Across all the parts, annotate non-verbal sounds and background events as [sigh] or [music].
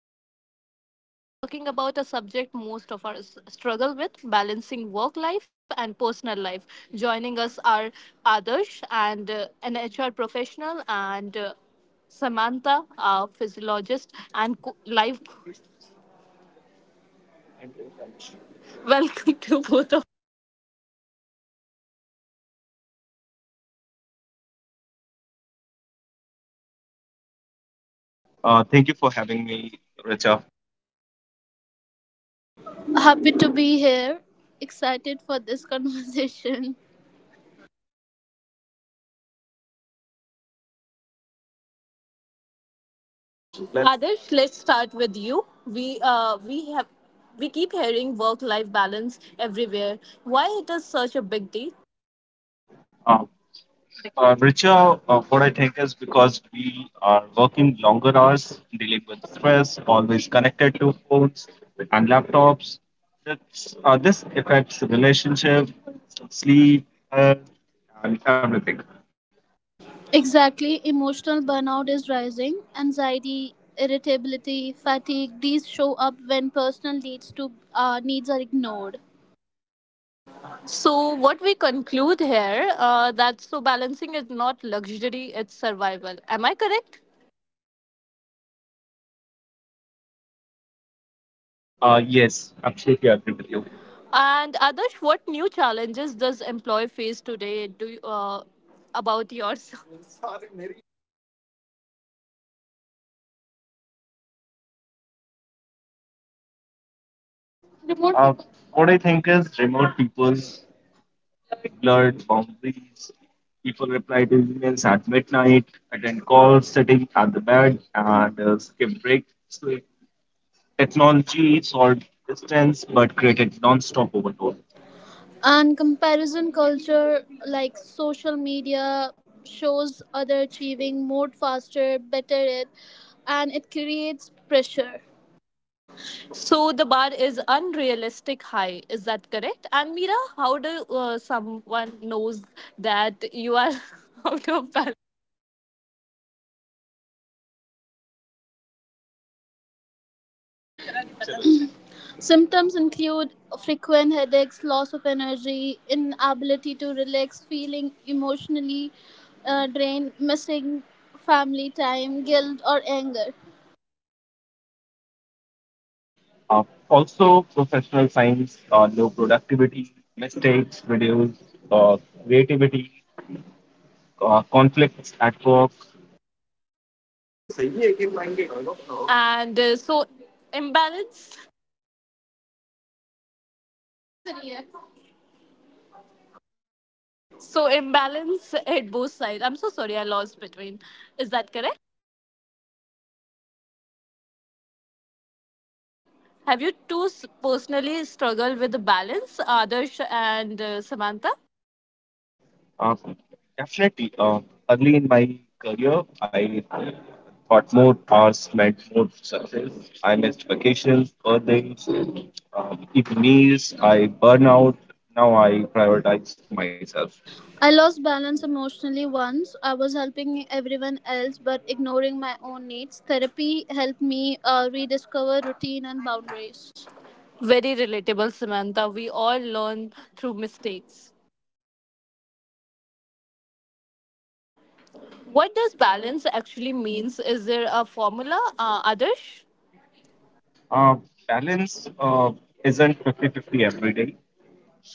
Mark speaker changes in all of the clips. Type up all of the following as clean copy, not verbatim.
Speaker 1: Richa, and today we are talking about a subject most of us struggle with: balancing work life and personal life. Joining us are Adarsh, and an HR professional, and Samantha, a physiologist and life. [laughs] Welcome to both.
Speaker 2: Thank you for having me, Richa.
Speaker 3: Happy to be here. Excited for this [laughs] conversation.
Speaker 1: Let's Adarsh, let's start with you. We keep hearing work-life balance everywhere. Why it is such a big deal?
Speaker 2: Uh, Richa, what I think is because we are working longer hours, dealing with stress, always connected to phones and laptops. This affects relationship, sleep, health, and everything.
Speaker 3: Exactly, emotional burnout is rising. Anxiety, irritability, fatigue, these show up when personal needs are ignored.
Speaker 1: So what we conclude here, that so balancing is not luxury, it's survival. Am I correct?
Speaker 2: Yes, absolutely agree with you.
Speaker 1: And Adarsh, what new challenges does employee face today? Do you, about yours?
Speaker 2: Uh, what I think is remote people blurred boundaries. People reply to emails at midnight, attend calls sitting at the bed, and skip breaks. So technology solved distance but created non-stop overload.
Speaker 3: And comparison culture like social media shows other achieving more faster, better it creates pressure.
Speaker 1: So the bar is unrealistic high. Is that correct? And Mira, how do someone knows that you are [laughs] out of balance?
Speaker 3: Symptoms include frequent headaches, loss of energy, inability to relax, feeling emotionally drained, missing family time, guilt, or anger.
Speaker 2: Uh, Also, professional science, low productivity, mistakes, reduced uh, creativity, conflicts at work.
Speaker 1: And so imbalance imbalance at both sides. I'm so sorry, I lost between. Is that correct? Have you two personally struggled with the balance, Adarsh and Samantha?
Speaker 2: Uh, definitely. Early in my career, I thought more hours meant more success. I missed vacations, birthdays, even meals. I burn out. Now I prioritize myself.
Speaker 3: I lost balance emotionally once. I was helping everyone else but ignoring my own needs. Therapy helped me rediscover routine and boundaries.
Speaker 1: Very relatable, Samantha. We all learn through mistakes. What does balance actually means? Is there a formula, Adarsh?
Speaker 2: Uh, balance isn't 50-50 every day.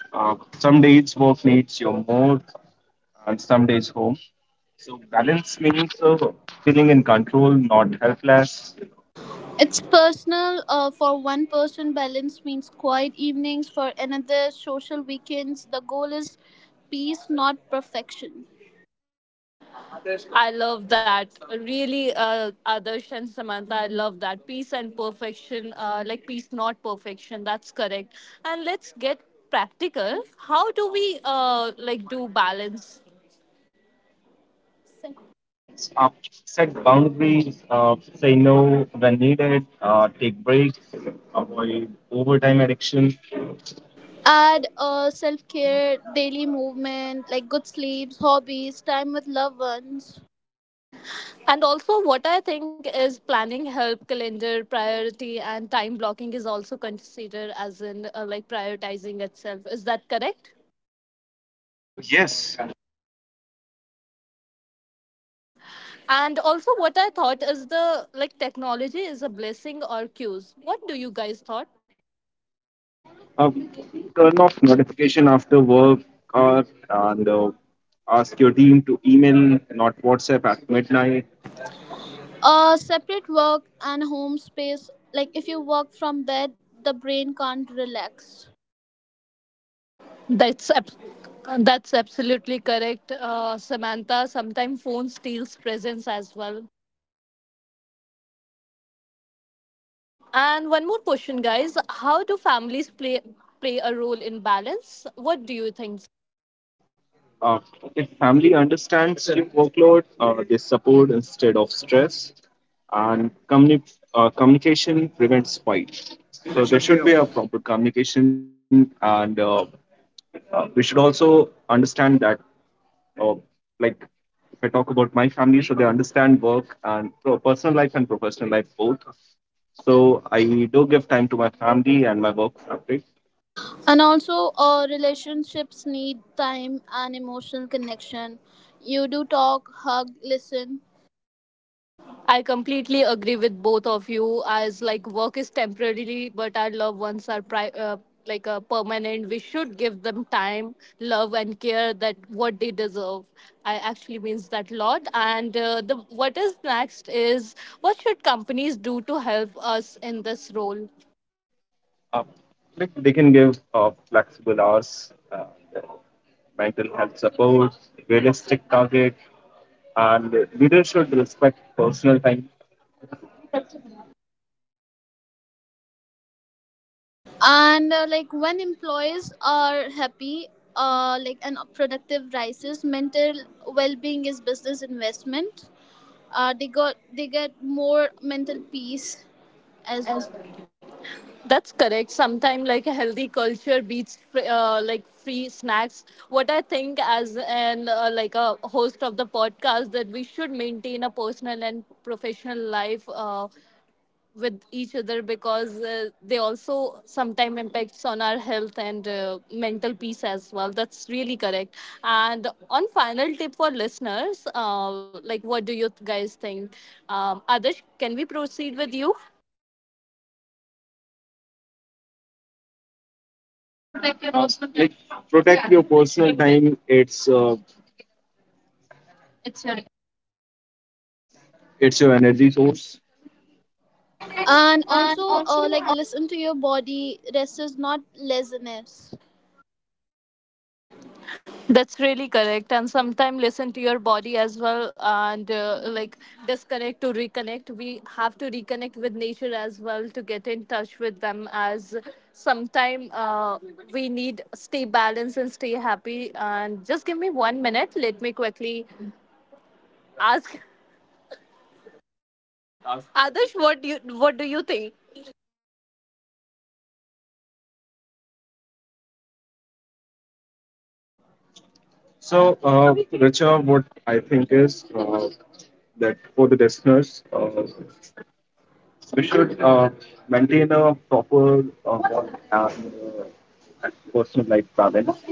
Speaker 2: Some days work needs you more, and some days home. So balance means feeling in control, not helpless.
Speaker 3: It's personal. For one person, balance means quiet evenings. For another, social weekends. The goal is peace, not perfection.
Speaker 1: I love that. Really, Adarsh and Samantha, I love that. Peace and perfection, like peace, not perfection. That's correct. And let's get practical. How do we like do balance?
Speaker 2: Uh, Set boundaries, say no when needed, take breaks, avoid overtime addiction.
Speaker 3: Add self-care, daily movement, like good sleeps, hobbies, time with loved ones.
Speaker 1: And also, what I think is planning help, calendar, priority, and time blocking is also considered as in, like prioritizing itself. Is that correct?
Speaker 2: Yes.
Speaker 1: And also, what I thought is the like technology is a blessing or cues. What do you guys thought?
Speaker 2: Uh, Turn off notification after work or and ask your team to email, not WhatsApp at midnight.
Speaker 3: Separate work and home space, like if you work from bed, the brain can't relax.
Speaker 1: That's ab- that's absolutely correct, Samantha. Sometimes phone steals presence as well. And one more question, guys: how do families play a role in balance? What do you think?
Speaker 2: Uh, if family understands your workload, they support instead of stress, and communication prevents fight.
Speaker 3: So there
Speaker 2: So there
Speaker 3: should be
Speaker 2: should
Speaker 3: a
Speaker 2: be a
Speaker 3: focus.
Speaker 2: proper communication, and we should also understand that, uh, like if I talk about my family, so they understand work and personal life and professional life both. So I do give time to my family and my work fabric.
Speaker 3: And also, relationships need time and emotional connection. You do talk, hug, listen.
Speaker 1: I completely agree with both of you, as like work is temporarily but our loved ones are like permanent. We should give them time, love, and care, that what they deserve. I actually means that lot, and the what is next is what should companies do to help us in this role?
Speaker 2: Uh, like they can give flexible hours, mental health support, realistic target, and leaders should respect personal time.
Speaker 3: And like when employees are happy, like and productive rises, mental well-being is business investment. They get more mental peace as well.
Speaker 1: As That's correct. Sometimes, like a healthy culture beats like free snacks. What I think, as an like a host of the podcast, that we should maintain a personal and professional life with each other because they also sometimes impacts on our health and mental peace as well. That's really correct. And on final tip for listeners, like what do you guys think? Adarsh, can we proceed with you?
Speaker 2: Uh, like protect your personal time. It's your it's your energy source. And
Speaker 3: And
Speaker 2: and
Speaker 3: also
Speaker 2: also,
Speaker 3: uh,
Speaker 2: uh,
Speaker 3: like listen to your body, rest is not laziness.
Speaker 1: That's really correct. And sometimes listen to your body as well and, like disconnect to reconnect. We have to reconnect with nature as well to get in touch with them, as sometime we need stay balanced and stay happy. And just give me one minute. Let me quickly ask Ask. Adarsh, what do you think?
Speaker 2: So, Richa, what I think is that for the listeners, we should maintain a proper work and and personal life balance.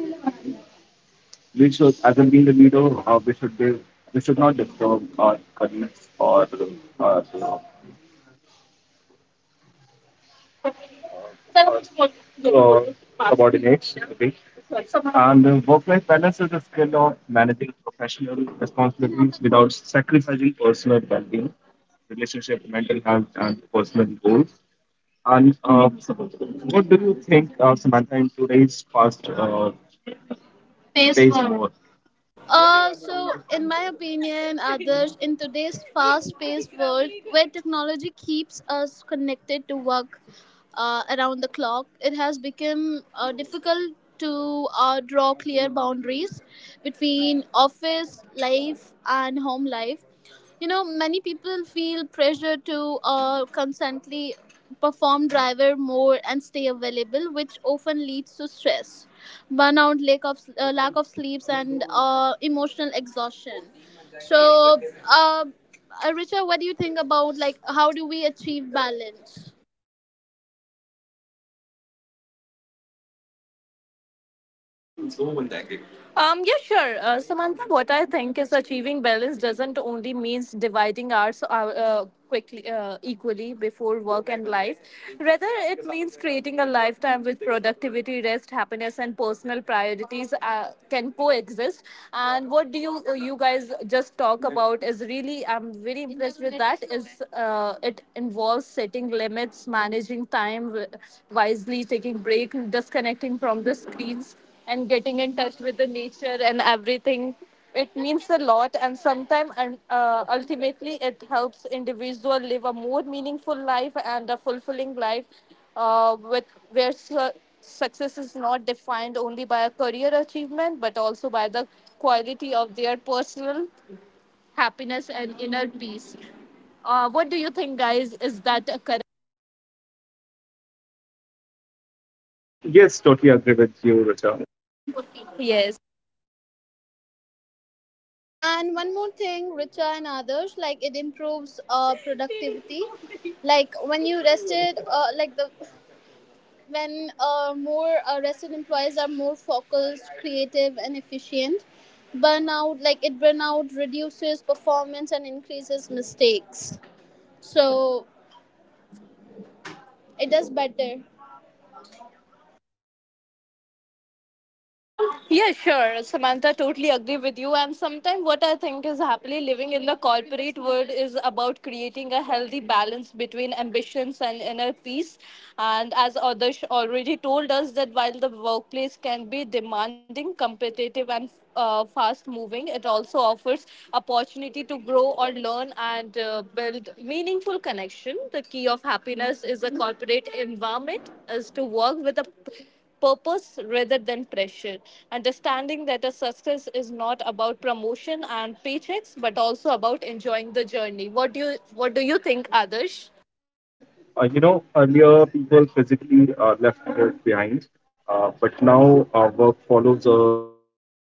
Speaker 2: We should, as a being a leader, we should not disturb our colleagues or our uh, subordinates. Okay? And work-life balance is a skill of managing professional responsibilities without sacrificing personal well-being, relationship, mental health, and personal goals. And what do you think, Samantha, in today's fast face paced forward world?
Speaker 3: So in my opinion others, in today's fast-paced world where technology keeps us connected to work around the clock, it has become difficult to draw clear boundaries between office life and home life. You know, many people feel pressure to constantly perform, driver more, and stay available, which often leads to stress, burnout, lack of sleeps, and emotional exhaustion. So uh, Richard, what do you think about like how do we achieve balance?
Speaker 1: So yeah, sure. Samantha, what I think is achieving balance doesn't only means dividing hours, quickly, equally before work and life. Rather, it means creating a lifetime with productivity, rest, happiness, and personal priorities, can coexist. And what do you, you guys just talk about is really I'm very impressed with that. Is, it involves setting limits, managing time wisely, taking break, disconnecting from the screens, and getting in touch with the nature and everything. It means a lot. And sometimes and ultimately it helps individual live a more meaningful life and a fulfilling life, with where success is not defined only by a career achievement but also by the quality of their personal happiness and inner peace. What do you think, guys? Is that a correct?
Speaker 2: Yes, totally agree with you, Richa.
Speaker 1: Yes.
Speaker 3: And one more thing, Richa and others, like it improves productivity. Like when you rested, like the when more arrested employees are more focused, creative, and efficient. Burnout, like it burnout, reduces performance and increases mistakes. So it does better.
Speaker 1: Yeah, sure, Samantha. Totally agree with you. And sometimes what I think is happily living in the corporate world is about creating a healthy balance between ambitions and inner peace. And as Adarsh already told us, that while the workplace can be demanding, competitive, and, fast moving, it also offers opportunity to grow or learn and, build meaningful connection. The key of happiness is a corporate environment is to work with a purpose rather than pressure. Understanding that a success is not about promotion and paychecks, but also about enjoying the journey. What do you think, Adarsh?
Speaker 2: You know, earlier, people physically left work behind, but now our work follows us home.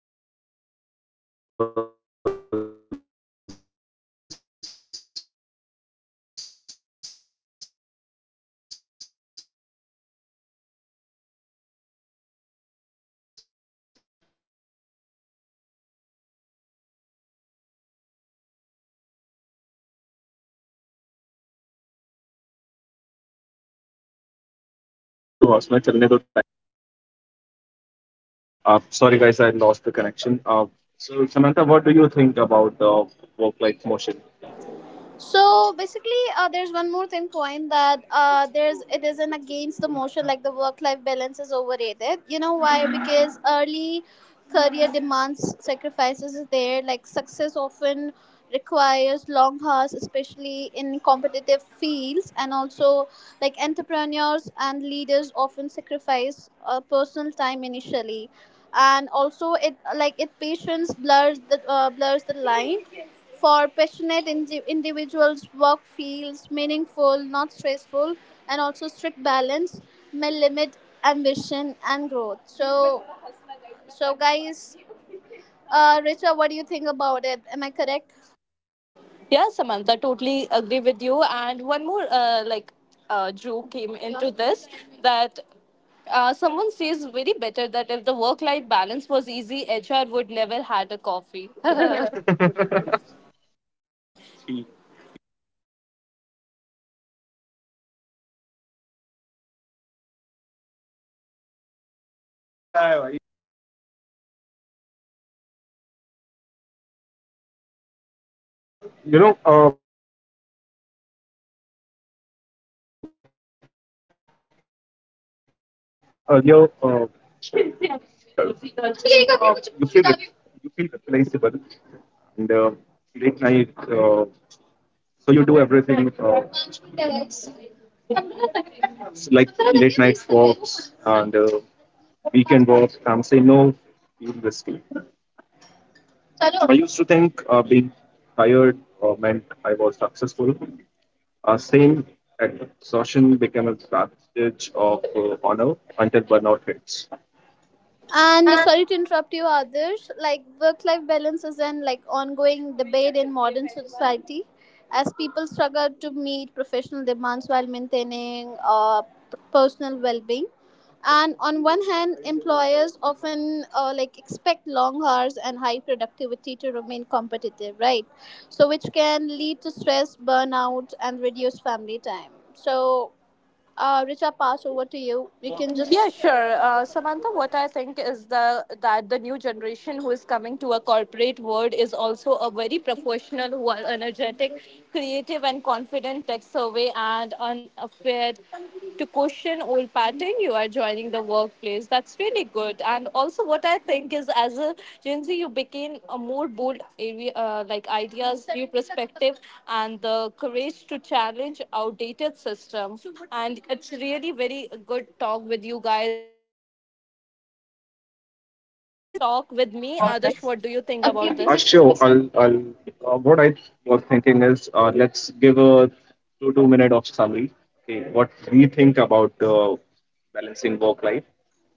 Speaker 2: Emails, messages, just one quick call, and that quick call is never quick. Even when you're not working, you are thinking about work. That mental load is exhausting. Nobody counts that work at, as work time. Sorry, guys, I lost the connection. So, Samantha, what do you think about work life motion?
Speaker 3: So basically, there's one more thing point that there's it isn't against the motion, like the work-life balance is overrated. You know why? Because early career demands sacrifices is there. Like success often requires long hours, especially in competitive fields, and also like entrepreneurs and leaders often sacrifice personal time initially, and also it like it patience blurs the line for passionate individuals, work feels meaningful, not stressful, and also strict balance may limit ambition and growth. So, guys, Richa, what do you think about it? Am I correct?
Speaker 1: Yeah, Samantha, totally agree with you. And one more, like Drew came into this that. Someone says very better that if the work-life balance was easy, HR would never had a coffee. [laughs] Yeah.
Speaker 2: You know, earlier, career really affects balance because you are trying to prove yourself. You, feel re- you feel replaceable, and late night. So you do everything s- like late night walks and weekend walks. I'm saying no, feel risky. I used to think being tired meant I was successful. Same exhaustion became a badge of honor until burnout hits.
Speaker 3: And sorry to interrupt you, others. Like work-life balance is an like ongoing debate in modern society, as people struggle to meet professional demands while maintaining personal well-being. And on one hand, employers often like expect long hours and high productivity to remain competitive, right? So which can lead to stress, burnout, and reduced family time. So, Richa, pass over to you. You can just
Speaker 1: Yeah, sure. Samantha, what I think is the that the new generation who is coming to a corporate world is also a very professional, who are energetic, creative, and confident tech survey and unafraid to question old pattern. You are joining the workplace. That's really good. And also what I think is as a gen z, you became a more bold area, like ideas, new perspective, and the courage to challenge outdated system. And it's really very good talk with you guys. And can you please conclude this talk with me, Adarsh? What do you think about
Speaker 2: About
Speaker 1: this?
Speaker 2: this. Updating sure. choices. What I was thinking is let's give a two minute of summary. Okay, what we think about balancing work life.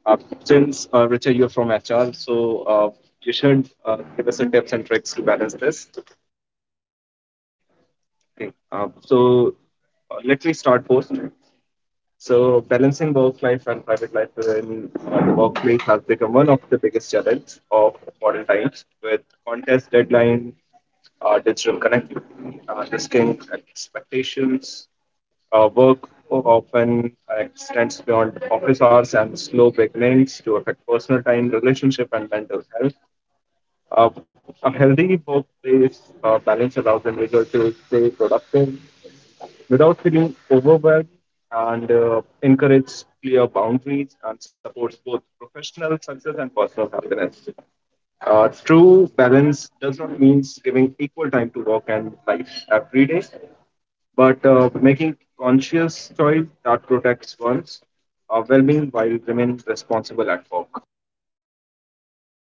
Speaker 2: Uh, since Richard, you're from HR, so uh, you should give us a tips and tricks to balance this. Okay. So let me start first. So balancing work life and private life in the workplace has become one of the biggest challenges of modern times, with contest deadline, digital connectivity, risking expectations, work often extends beyond office hours and slow beginnings to affect personal time, relationship, and mental health. Uh, a healthy workplace balance allows individuals to stay productive, without feeling overwhelmed and encourages clear boundaries and supports both professional success and personal happiness. True balance does not mean giving equal time to work and life every day, but making conscious choice that protects one's well-being while remaining responsible at work.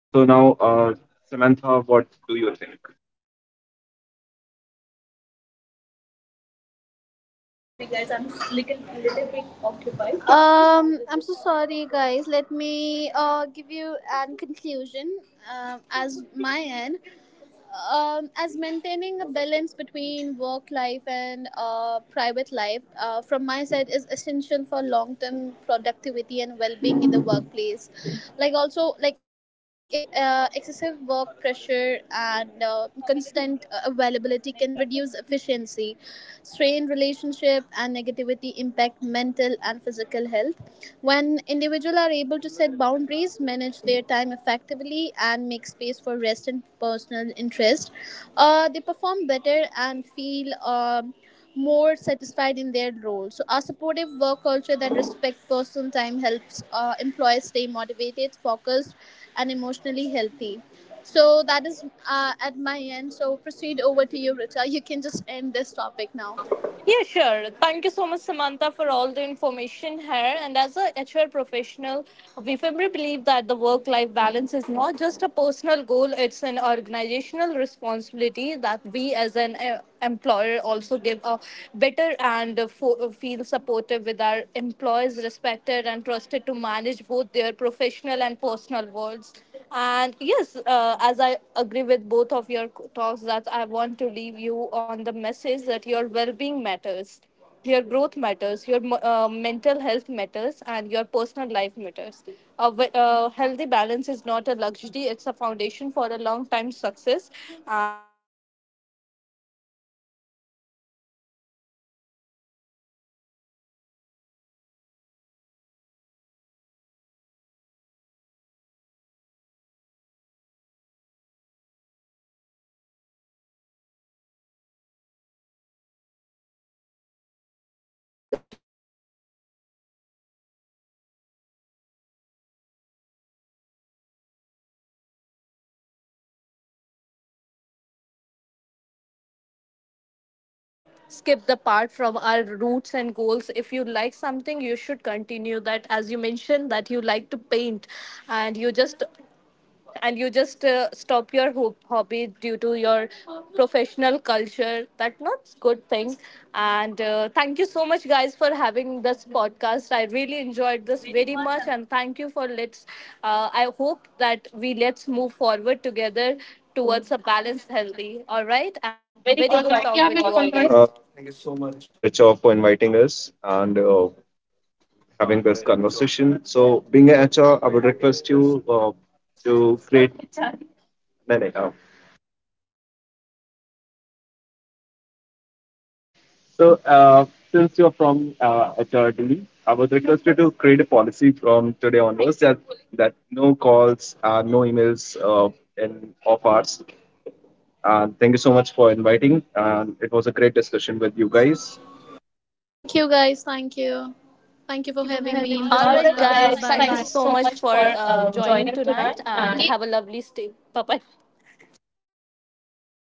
Speaker 2: So now, Samantha, what do you think?
Speaker 3: sorry guys, I'm little bit occupied. I'm so sorry, guys. Let me give you an conclusion as my end, as maintaining a balance between work life and private life from my side is essential for long term productivity and well being in the workplace. Like also like excessive work pressure and constant availability can reduce efficiency, strain relationship and negativity impact mental and physical health. When individuals are able to set boundaries, manage their time effectively, and make space for rest and personal interest, they perform better and feel more satisfied in their role. So, a supportive work culture that respects personal time helps employees stay motivated, focused, and emotionally healthy. So, that is at my end. So, proceed over to you, Richa. You can just end this topic now.
Speaker 1: Yeah, sure. Thank you so much, Samantha, for all the information here. And as a HR professional, we firmly believe that the work life balance is not just a personal goal, it's an organizational responsibility, that we as an, employer also give a better and feel supportive with our employees, respected and trusted to manage both their professional and personal worlds. And yes, as I agree with both of your talks, that I want to leave you on the message that your well being matters, your growth matters, your mental health matters, and your personal life matters. A healthy balance is not a luxury, it's a foundation for a long time success. And, as I'm checking, like as when employee feels supported, they respect the manage and they also manage the, both the professional and personal world. The entire workplace became stronger, productivity improves, and creativity rise. Sometimes stress reduces and engagement grows. And that's a very good thing that you explained, Samantha, that we should maintain a personal goals with our professional life as well. We should achieve what we think, and we never skip the part from our roots and goals. If you like something, you should continue that, as you mentioned, that you like to paint and you just stop your hobby due to your professional culture. That's not good thing. And thank you so much, guys, for having this podcast. I really enjoyed this very much. And thank you for let's, I hope that we let's move forward together towards a balanced healthy. All right, and very good talk with you all, guys. Thank you
Speaker 2: Thank you
Speaker 1: so
Speaker 2: so
Speaker 1: much,
Speaker 2: much,
Speaker 1: Paracho,
Speaker 2: Richa,
Speaker 1: for
Speaker 2: for
Speaker 1: inviting
Speaker 2: inviting
Speaker 1: us.
Speaker 2: us. And having this conversation. So, being a HR, I would request you to create. No, no, no. So, since you're from HRD, I would request you to create a policy from today onwards that no calls, no emails in off hours. And thank you so much for inviting. And it was a great discussion with you guys.
Speaker 3: Thank you guys. Thank you. Thank you
Speaker 1: Thank
Speaker 3: for
Speaker 1: you
Speaker 2: Thank you
Speaker 1: for
Speaker 2: for
Speaker 3: having
Speaker 1: having
Speaker 3: me
Speaker 2: having
Speaker 1: me.
Speaker 3: in
Speaker 2: me.
Speaker 3: this
Speaker 1: All
Speaker 2: All
Speaker 1: right,
Speaker 2: right.
Speaker 3: podcast.
Speaker 1: guys.
Speaker 3: Bye
Speaker 1: Thank you
Speaker 3: bye.
Speaker 1: so much for joining tonight and have a lovely stay. Bye bye.